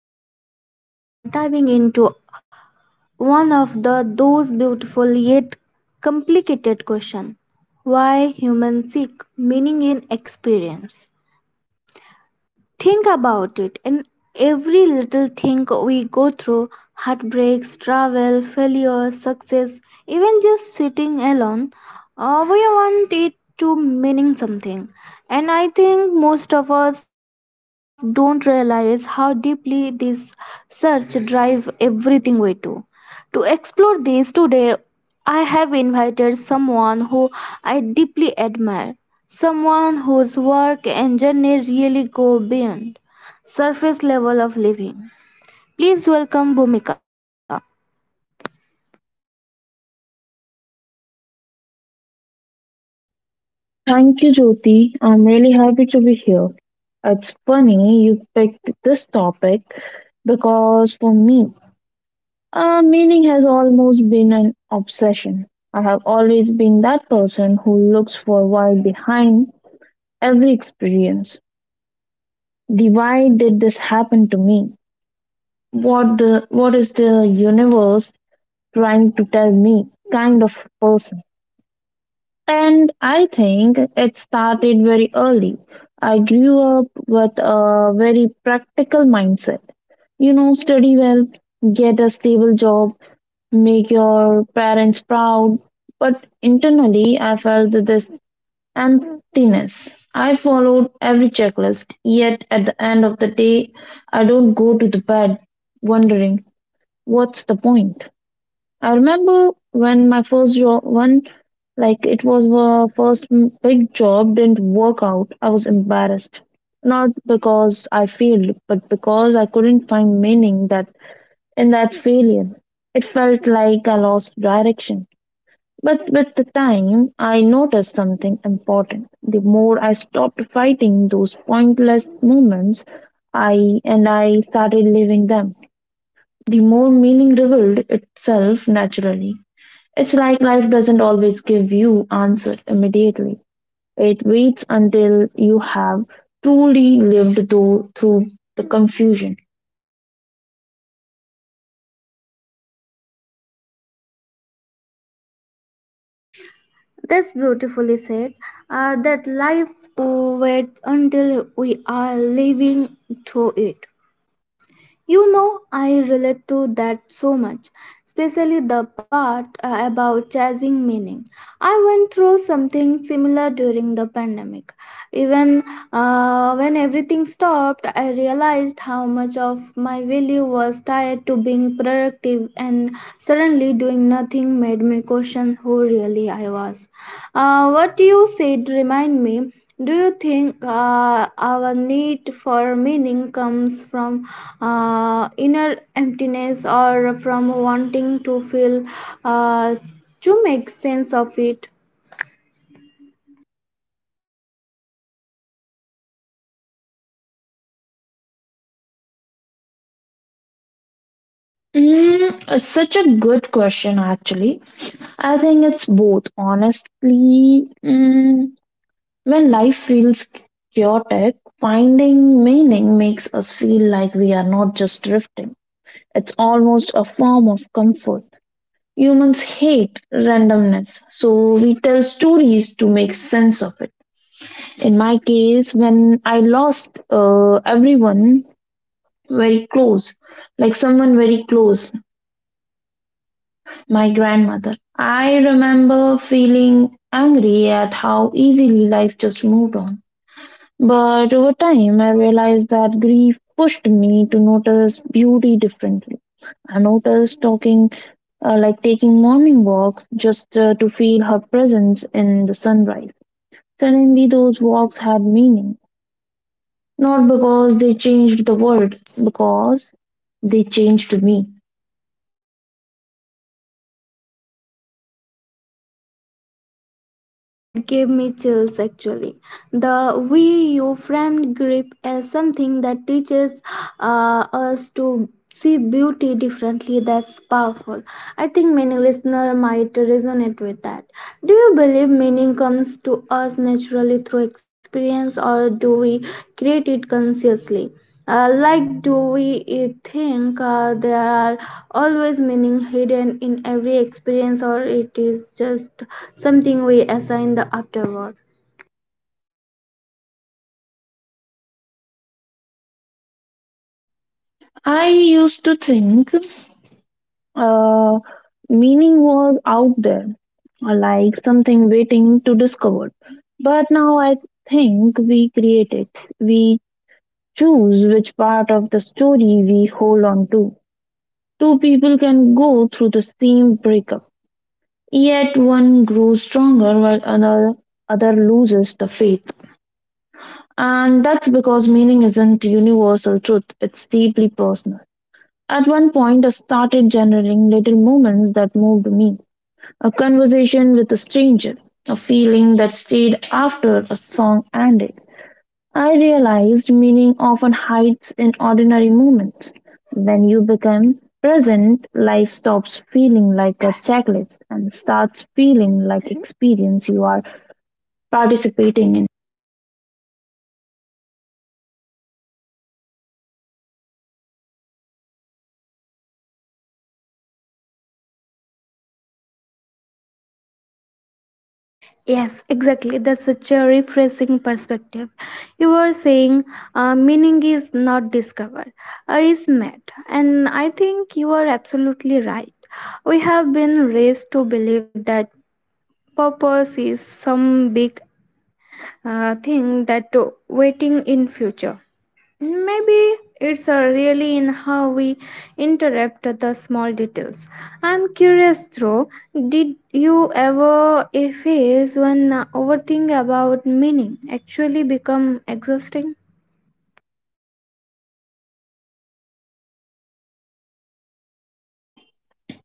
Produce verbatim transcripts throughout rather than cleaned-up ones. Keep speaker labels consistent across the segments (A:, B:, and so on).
A: Jyoti and today we are diving into one of the those beautiful yet complicated question. Why humans seek meaning in experience. Think about it. In every little thing we go through heartbreaks, travel, failures, success, even just sitting alone, uh, we want it to meaning something. And I think most of us don't realize how deeply this search drive everything we do. To explore this today, I have invited someone who I deeply admire, someone whose work and journey really go beyond surface level of living. Please welcome Bhumika.
B: Thank you, Jyoti. I'm really happy to be here. It's funny you picked this topic because for me, uh, meaning has almost been an obsession. I have always been that person who looks for why behind every experience. The why did this happen to me? What the what is the universe trying to tell me? Kind of person. And I think it started very early. I grew up with a very practical mindset. You know, study well, get a stable job, make your parents proud. But internally, I felt this emptiness. I followed every checklist, yet at the end of the day, I don't go to the bed wondering what's the point. I remember when my first job, one like it was the first m- big job, didn't work out. I was embarrassed, not because I failed, but because I couldn't find meaning that in that failure. It felt like I lost direction. But with the time, I noticed something important. The more I stopped fighting those pointless moments, I and I started living them. The more meaning revealed itself naturally. It's like life doesn't always give you answers immediately. It waits until you have truly lived through, through the confusion.
A: That's beautifully said. Uh, that life waits until we are living through it. You know, I relate to that so much, especially the part uh, about chasing meaning. I went through something similar during the pandemic. Even uh, when everything stopped, I realized how much of my value was tied to being productive, and suddenly doing nothing made me question who really I was. Uh, what you said remind me. Do you think uh, our need for meaning comes from uh, inner emptiness or from wanting to feel uh, to make sense of it?
B: Mm, it's such a good question, actually. I think it's both. Honestly, mm, when life feels chaotic, finding meaning makes us feel like we are not just drifting. It's almost a form of comfort. Humans hate randomness, so we tell stories to make sense of it. In my case, when I lost uh, everyone very close, like someone very close, my grandmother, I remember feeling angry at how easily life just moved on. But over time, I realized that grief pushed me to notice beauty differently. I noticed talking, uh, like taking morning walks just uh, to feel her presence in the sunrise. Suddenly, those walks had meaning, not because they changed the world, because they changed me.
A: That gave me chills actually. The we you framed grip as something that teaches uh, us to see beauty differently. That's powerful. I think many listener might resonate with that. Do you believe meaning comes to us naturally through experience, or do we create it consciously? Uh, like do we eh, think uh, there are always meaning hidden in every experience, or it is just something we assign the afterward.
B: I used to think Uh, meaning was out there, uh, like something waiting to discovered. But now I think we create it. We choose which part of the story we hold on to. Two people can go through the same breakup, yet one grows stronger while another other loses the faith. And that's because meaning isn't universal truth, it's deeply personal. At one point, I started generating little moments that moved me. A conversation with a stranger, a feeling that stayed after a song ended. I realized meaning often hides in ordinary moments. When you become present, life stops feeling like a checklist and starts feeling like experience you are participating in.
A: Yes, exactly. That's such a refreshing perspective. You were saying uh, meaning is not discovered, uh, is met. And I think you are absolutely right. We have been raised to believe that purpose is some big uh, thing that to waiting in future. Maybe it's uh, really in how we interrupt the small details. I'm curious though, did you ever a phase when uh, overthinking about meaning actually become exhausting?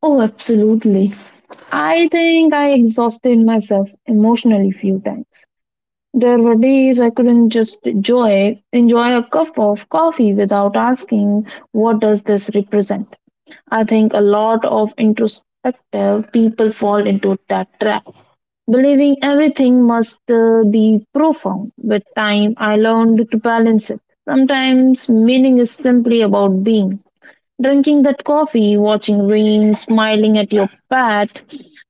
B: Oh, absolutely. I think I exhausted myself emotionally few times. There were days I couldn't just enjoy enjoy a cup of coffee without asking what does this represent. I think a lot of introspective people fall into that trap. Believing everything must uh, be profound. With time I learned to balance it. Sometimes meaning is simply about being. Drinking that coffee, watching rain, smiling at your pet.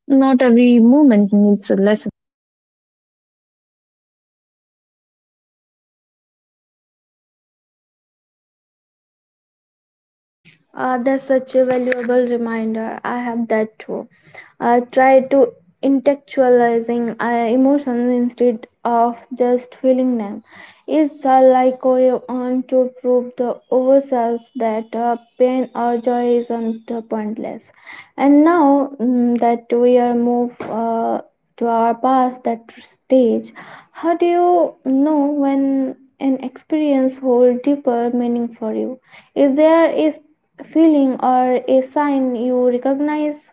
B: Not every moment needs a lesson.
A: Uh, that's such a valuable reminder. I have that too. I try to intellectualizing uh, emotions instead of just feeling them. It's uh, like I want to prove to ourselves that uh, pain or joy isn't uh, pointless. And now mm, that we are moved uh, to our past that stage, how do you know when an experience hold deeper meaning for you? Is there a feeling or a sign you recognize?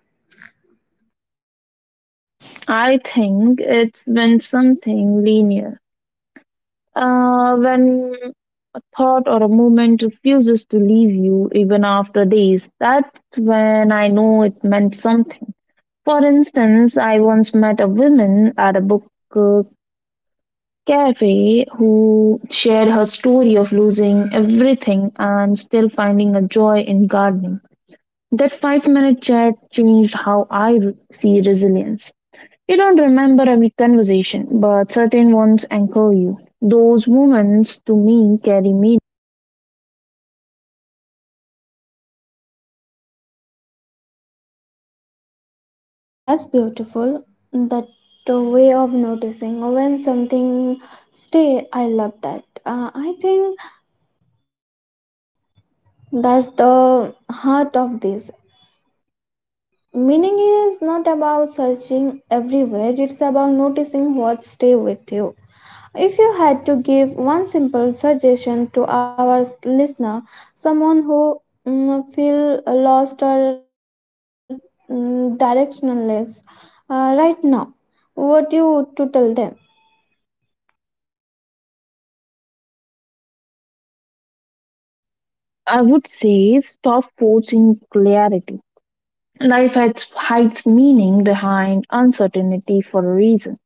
B: I think it's when something linear, uh, when a thought or a moment refuses to leave you even after days. That's when I know it meant something. For instance, I once met a woman at a book uh, cafe who shared her story of losing everything and still finding a joy in gardening. That five minute chat changed how I re- see resilience. You don't remember every conversation, but certain ones anchor you. Those moments, to me, carry meaning.
A: That's beautiful. That uh, way of noticing when something stay. I love that. Uh, I think that's the heart of this. Meaning is not about searching everywhere. It's about noticing what stay with you. If you had to give one simple suggestion to our listener, someone who mm, feel lost or mm, directionless uh, right now, what you would to tell them?
B: I would say stop forcing clarity. Life has, hides meaning behind uncertainty for a reason.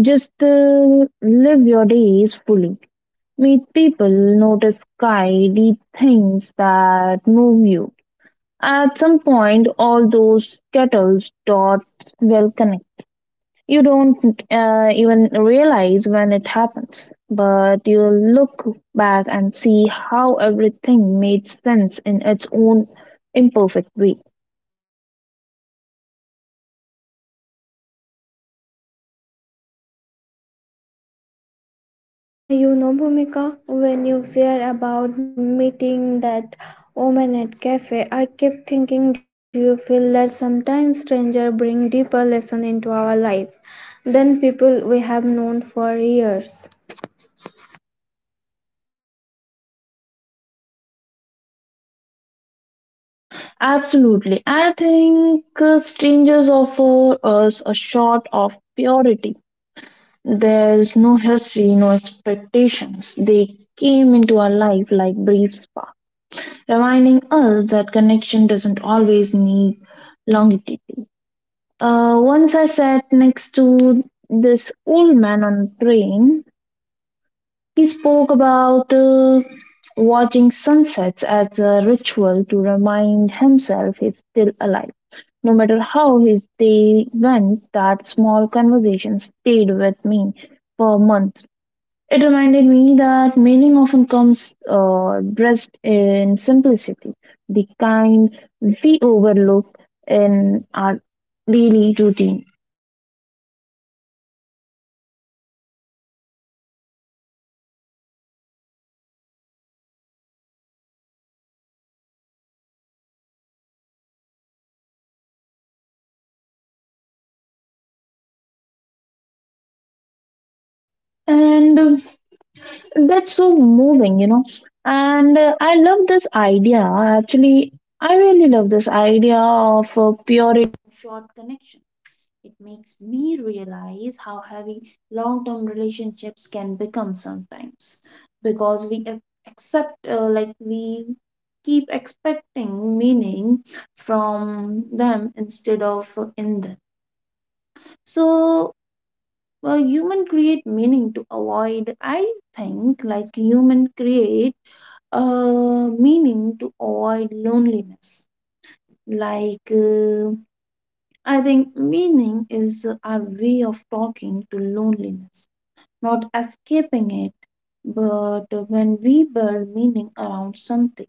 B: Just uh, live your days fully. Meet people, notice sky, deep things that move you. At some point, all those kettles dot will connect. You don't uh, even realize when it happens, but you look back and see how everything made sense in its own imperfect way.
A: Uh, you know, Bhumika, when you share about meeting that woman at cafe, I kept thinking, do you feel that sometimes stranger bring deeper lesson into our life than people we have known for years?
B: Absolutely. I think uh, strangers offer us a shot of purity. There's no history, no expectations. They came into our life like brief sparks, reminding us that connection doesn't always need longevity. Uh, once I sat next to this old man on a train. He spoke about uh, watching sunsets as a ritual to remind himself he's still alive. No matter how his day went, that small conversation stayed with me for months. It reminded me that meaning often comes uh, dressed in simplicity, the kind we overlook in our daily routine. And uh, That's so moving, you know. And uh, I love this idea. Actually, I really love this idea of uh, purity short connection. It makes me realize how heavy long term relationships can become sometimes because we ac- accept, uh, like, we keep expecting meaning from them instead of uh, in them. So, uh, human create meaning to avoid, I think, like, human create uh, meaning to avoid loneliness. Like, uh, I think meaning is our way of talking to loneliness, not escaping it. But when we build meaning around something,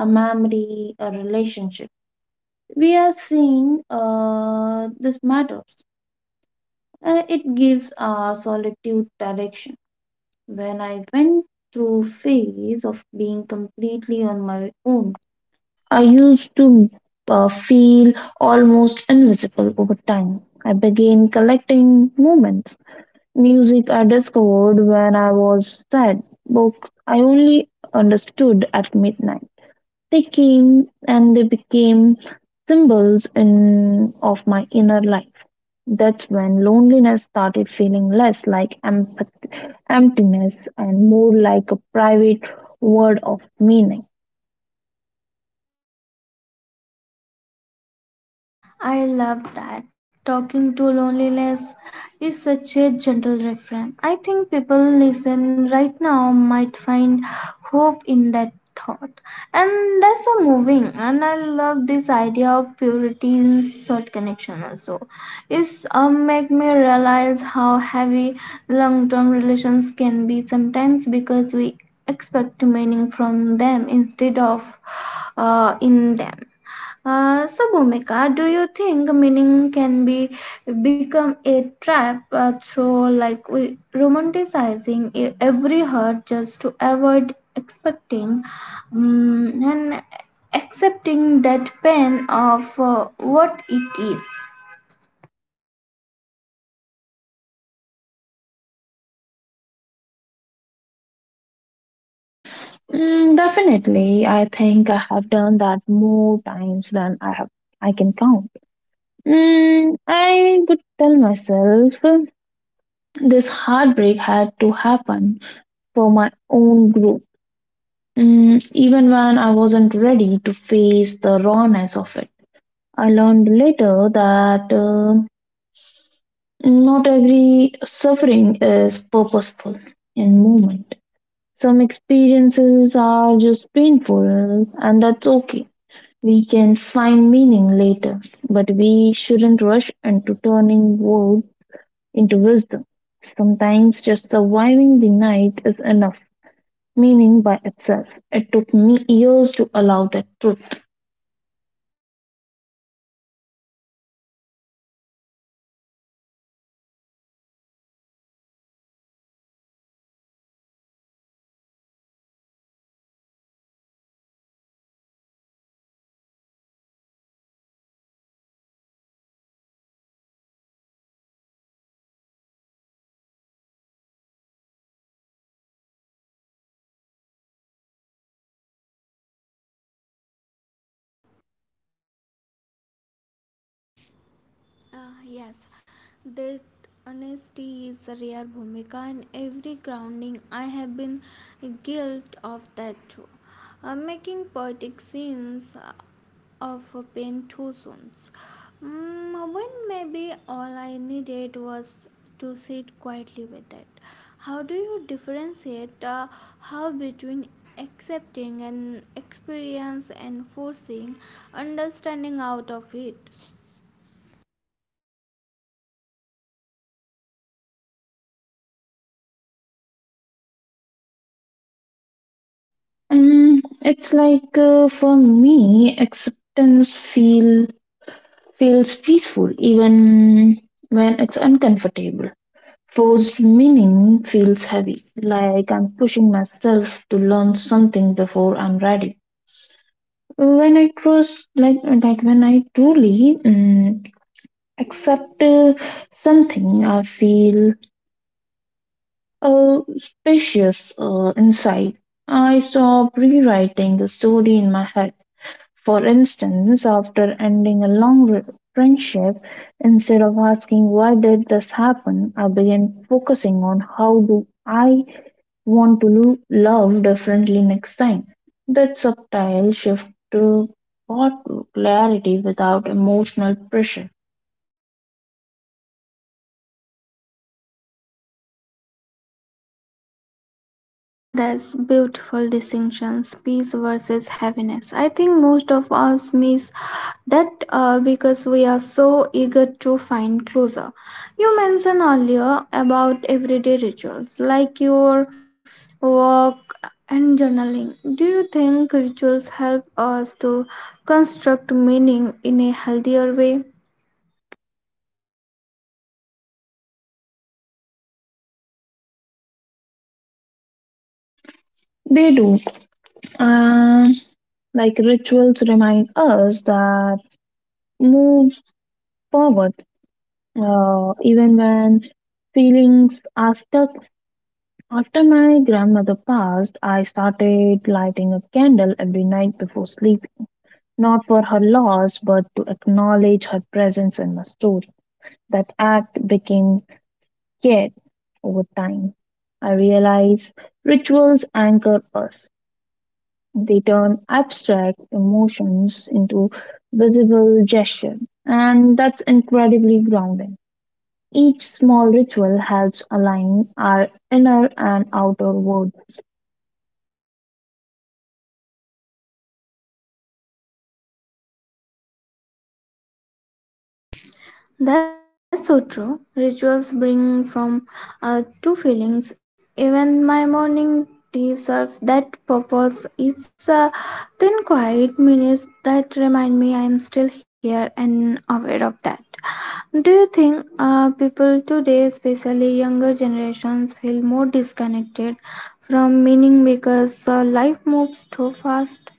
B: a memory, a relationship, we are saying uh, this matters. Uh, it gives our solitude direction. When I went through phase of being completely on my own, I used to uh, feel almost invisible. Over time, I began collecting moments, music I discovered when I was sad, books I only understood at midnight. They came and they became symbols in, of my inner life. That's when loneliness started feeling less like emp- emptiness and more like a private word of meaning.
A: I love that. Talking to loneliness is such a gentle refrain. I think people listen right now might find hope in that thought. And that's so moving. And I love this idea of purity in short connection also. It's um, make me realize how heavy long-term relations can be sometimes because we expect meaning from them instead of uh, in them. Uh, so, Bhumika, do you think meaning can be become a trap uh, through like we romanticizing e- every hurt just to avoid expecting um, and accepting that pain of uh, what it is?
B: Mm, definitely, I think I have done that more times than I have I can count. Mm, I would tell myself this heartbreak had to happen for my own growth. Mm, even when I wasn't ready to face the rawness of it, I learned later that um not every suffering is purposeful in moment. Some experiences are just painful, and that's okay. We can find meaning later, but we shouldn't rush into turning woe into wisdom. Sometimes just surviving the night is enough, meaning by itself. It took me years to allow that truth.
A: Ah, yes, that honesty is a rare bhumika in every grounding. I have been guilt of that too. Uh, making poetic scenes uh, of uh, pain too soon. Mm, when maybe all I needed was to sit quietly with it. How do you differentiate, uh, how between accepting an experience and forcing understanding out of it?
B: And it's like uh, For me, acceptance feel feels peaceful even when it's uncomfortable. Forced meaning feels heavy, like I'm pushing myself to learn something before I'm ready. When I was like like when I truly um, accept uh, something, I feel uh, spacious uh, inside. I stop rewriting the story in my head. For instance, after ending a long re- friendship, instead of asking why did this happen, I began focusing on how do I want to lo- love differently next time. That subtle shift to brought clarity without emotional pressure.
A: And that's beautiful distinctions, peace versus heaviness. I think most of us miss that uh, because we are so eager to find closure. You mentioned earlier about everyday rituals like your walk and journaling. Do you think rituals help us to construct meaning in a healthier way?
B: They do. And like Rituals remind us that move forward uh, even when feelings are stuck. After my grandmother passed, I started lighting a candle every night before sleep, not for her loss, but to acknowledge her presence in my story. That act became, yet, over time, I realize rituals anchor us. They turn abstract emotions into visible gesture, and that's incredibly grounding. Each small ritual helps align our inner and outer world.
A: That's so true. Rituals bring from uh, two feelings. Even my morning tea serves that purpose. It's uh, ten quiet minutes that remind me I am still here and aware of that. Do you think uh, people today, especially younger generations, feel more disconnected from meaning because uh, life moves too fast?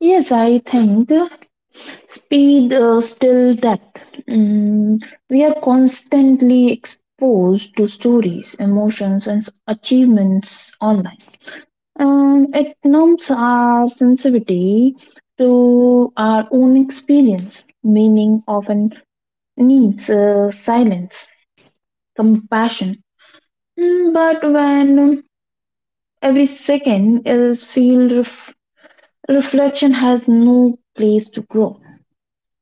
B: Yes, I think speed uh, still depth. Mm, we are constantly exposed to stories, emotions, and achievements online and it numbs our sensitivity to our own experience. Meaning often needs uh, silence, compassion. Mm, But when um, every second is filled, ref- reflection has no place to grow.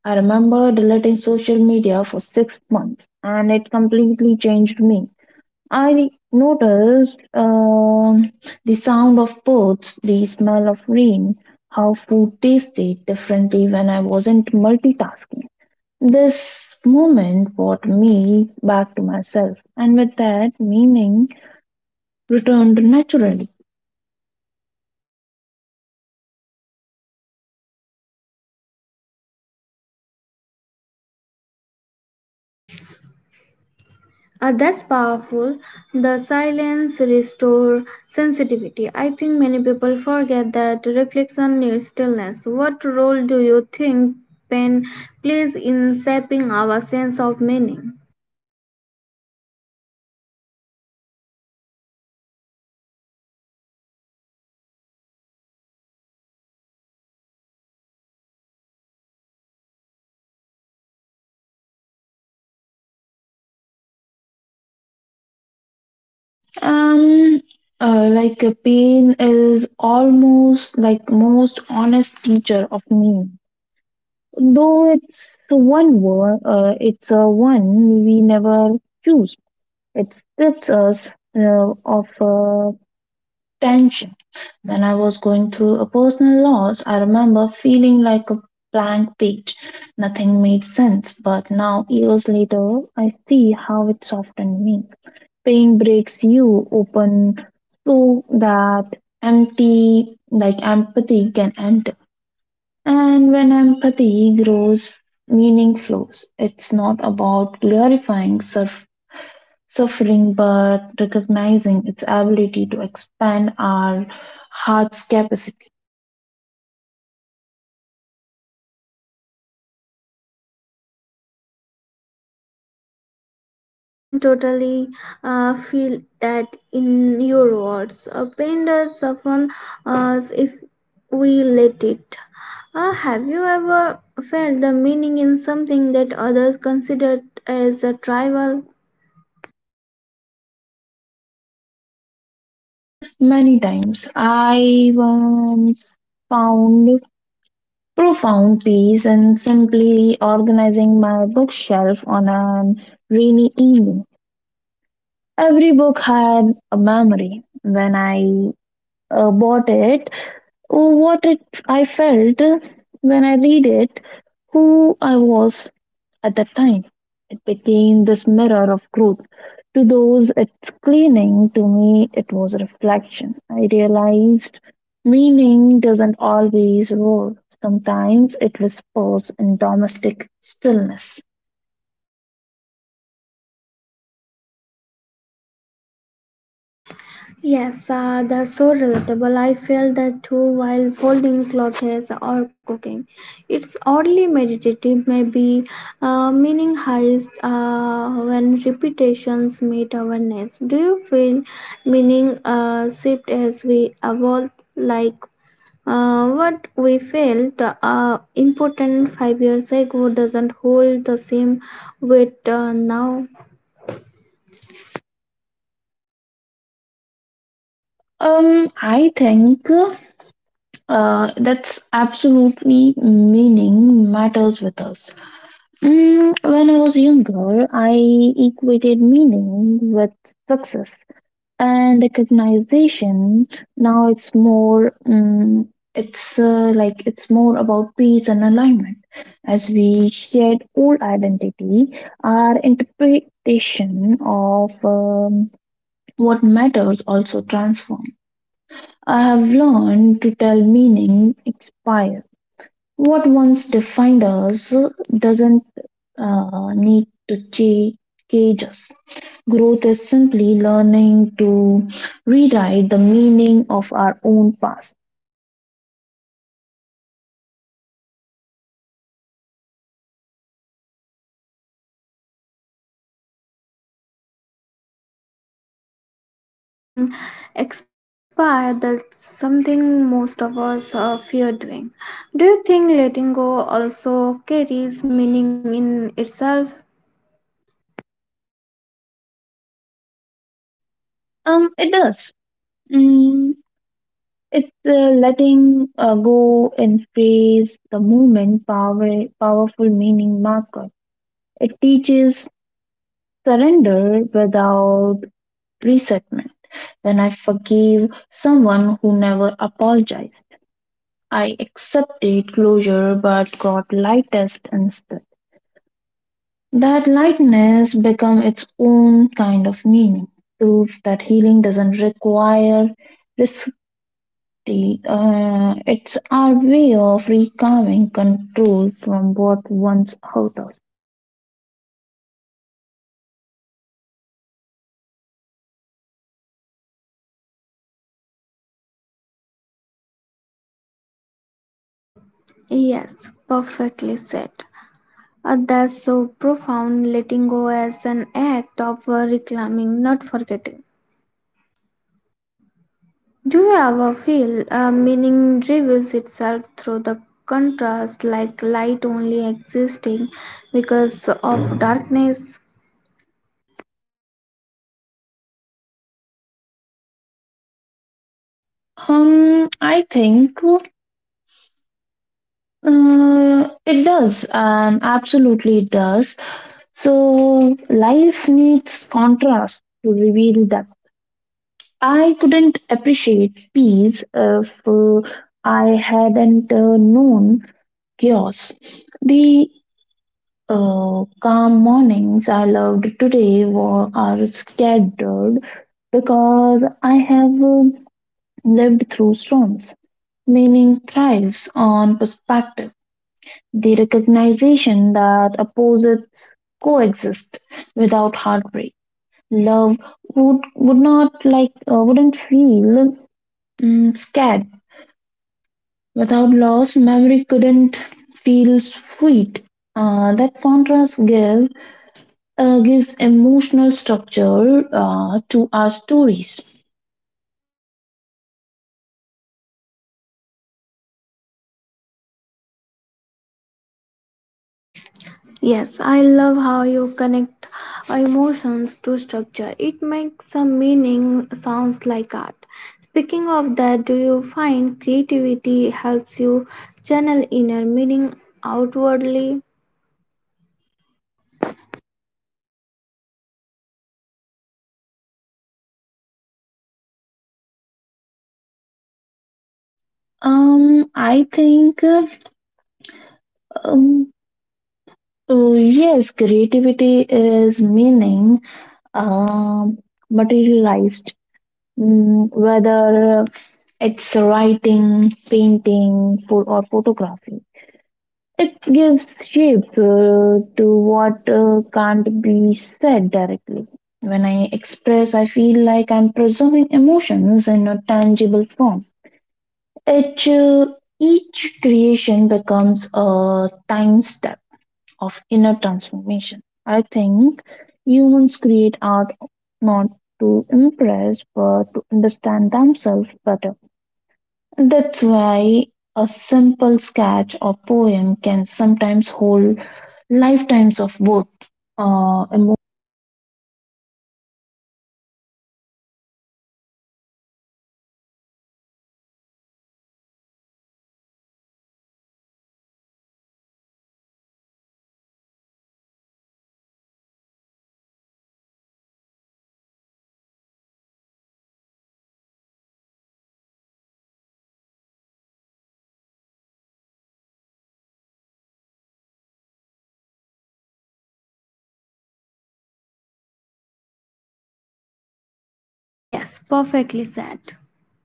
B: I remember deleting social media for six months, and it completely changed me. I noticed um, the sound of birds, the smell of rain, how food tasted differently when I wasn't multitasking. This moment brought me back to myself, and with that, meaning returned naturally.
A: Uh, that's powerful. The silence restore sensitivity. I think many people forget that reflection needs stillness. What role do you think pain plays in shaping our sense of meaning?
B: Um, uh, like uh, Pain is almost like most honest teacher of me, though it's one word, uh, it's a one we never choose. It strips us uh, of uh, tension. When I was going through a personal loss, I remember feeling like a blank page. Nothing made sense, but now, years later, I see how it softened me. Pain breaks you open so that empty, like empathy can enter. And when empathy grows, meaning flows. It's not about glorifying surface suffering, but recognizing its ability to expand our heart's capacity.
A: I can totally uh, feel that in your words. A pen does soften us we let it. Uh, have you ever felt the meaning in something that others considered as a trivial?
B: Many times. I once found profound peace in simply organizing my bookshelf on a rainy evening. Every book had a memory, when I uh, bought it, or what it I felt when I read it, who I was at that time. It became this mirror of growth. To those, it's cleaning. To me, it was a reflection. I realized meaning doesn't always roar. Sometimes it whispers in domestic stillness.
A: Yes, uh, that's so relatable. I felt that too while folding clothes or cooking. It's oddly meditative, maybe uh, meaning highs uh, when repetitions meet awareness. Do you feel meaning uh, shift as we evolve? Like uh, what we felt uh, important five years ago doesn't hold the same weight uh, now.
B: Um, I think uh, That's absolutely meaning matters with us. Mm, when I was younger, I equated meaning with success and recognition. Now it's more, um, it's uh, like it's more about peace and alignment. As we shed old identity, our interpretation of um, what matters also transforms. I have learned to tell meaning expires. What once defined us doesn't uh, need to cha- cage. Growth is simply learning to rewrite the meaning of our own past.
A: That sounds so poetic, letting meaning expire. That's something most of us uh, fear doing. Do you think letting go also carries meaning in itself?
B: Um, it does. Mm, it's uh, Letting uh, go and phrase the moment power, powerful meaning marker. It teaches surrender without resentment. When I forgive someone who never apologized, I accepted closure but got lightest instead. That lightness becomes its own kind of meaning, proof that healing doesn't require receipt. Uh, it's our way of recovering control from what once hurt us.
A: Yes, perfectly said. Uh, that's so profound, letting go as an act of uh, reclaiming, not forgetting. Do you ever feel uh, meaning reveals itself through the contrast, like light only existing because of darkness?
B: Um, I think uh, it does. Um, absolutely it does. So life needs contrast to reveal depth. I couldn't appreciate peace if uh, I hadn't uh, known chaos. The uh, calm mornings I loved today were are scattered because I have uh, lived through storms. Meaning thrives on perspective, the recognition that opposites coexist without heartbreak. Love would would not like uh, wouldn't feel mm, scared without loss. Memory couldn't feel sweet. Uh, that contrast gives uh, gives emotional structure uh, to our stories.
A: Yes, I love how you connect emotions to structure. It makes a meaning sounds like art. Speaking of that, do you find creativity helps you channel inner meaning outwardly?
B: Um, I think uh, um, uh, yes, creativity is meaning um materialized. Mm, whether it's writing, painting, pho- or photography, it gives shape uh, to what uh, can't be said directly. When I express, I feel like I'm preserving emotions in a tangible form. Each, uh, each creation becomes a time step of inner transformation. I think humans create art not to impress but to understand themselves better. That's why a simple sketch or poem can sometimes hold lifetimes of both uh, emo-
A: Yes, perfectly said.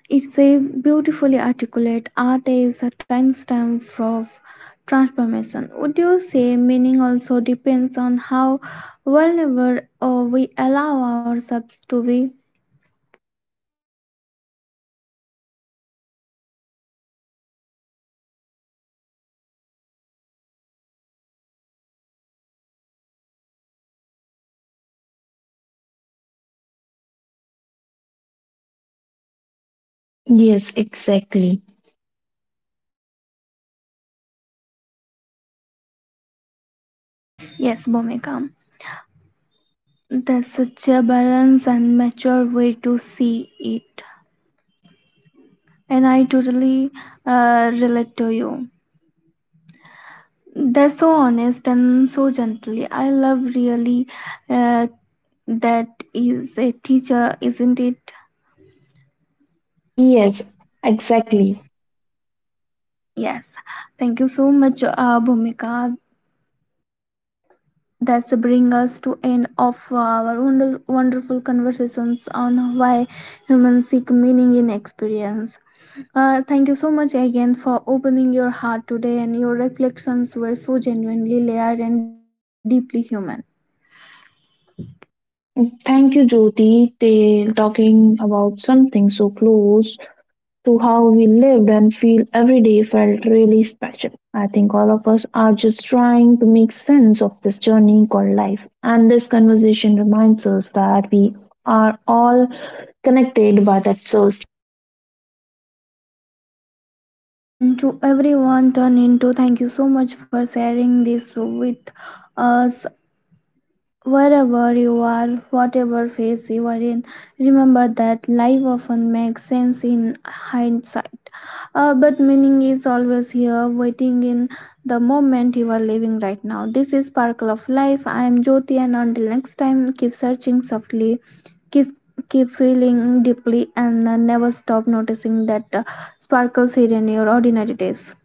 A: It's a beautifully articulate art is a timestamp of transformation. Would you say meaning also depends on how vulnerable uh, we allow ourselves to be?
B: Yes, exactly.
A: Yes, Bomeka. That's such a balanced and mature way to see it. And I totally uh, relate to you. That's so honest and so gently. I love really uh, that is a teacher, isn't it?
B: Yes, exactly.
A: Yes. Thank you so much, Bhumika. That's bring us to end of our wonder- wonderful conversations on why humans seek meaning in experience. Uh, thank you so much again for opening your heart today, and your reflections were so genuinely layered and deeply human.
B: Thank you, Jyoti, for talking about something so close to how we lived and feel every day. Felt really special. I think all of us are just trying to make sense of this journey called life. And this conversation reminds us that we are all connected by that soul.
A: And to everyone turn into, thank you so much for sharing this with us. Wherever you are, whatever phase you are in, remember that life often makes sense in hindsight. Uh, but meaning is always here, waiting in the moment you are living right now. This is Sparkle of Life. I am Jyoti, and until next time, keep searching softly, keep, keep feeling deeply, and uh, never stop noticing that uh, sparkles hidden in your ordinary days.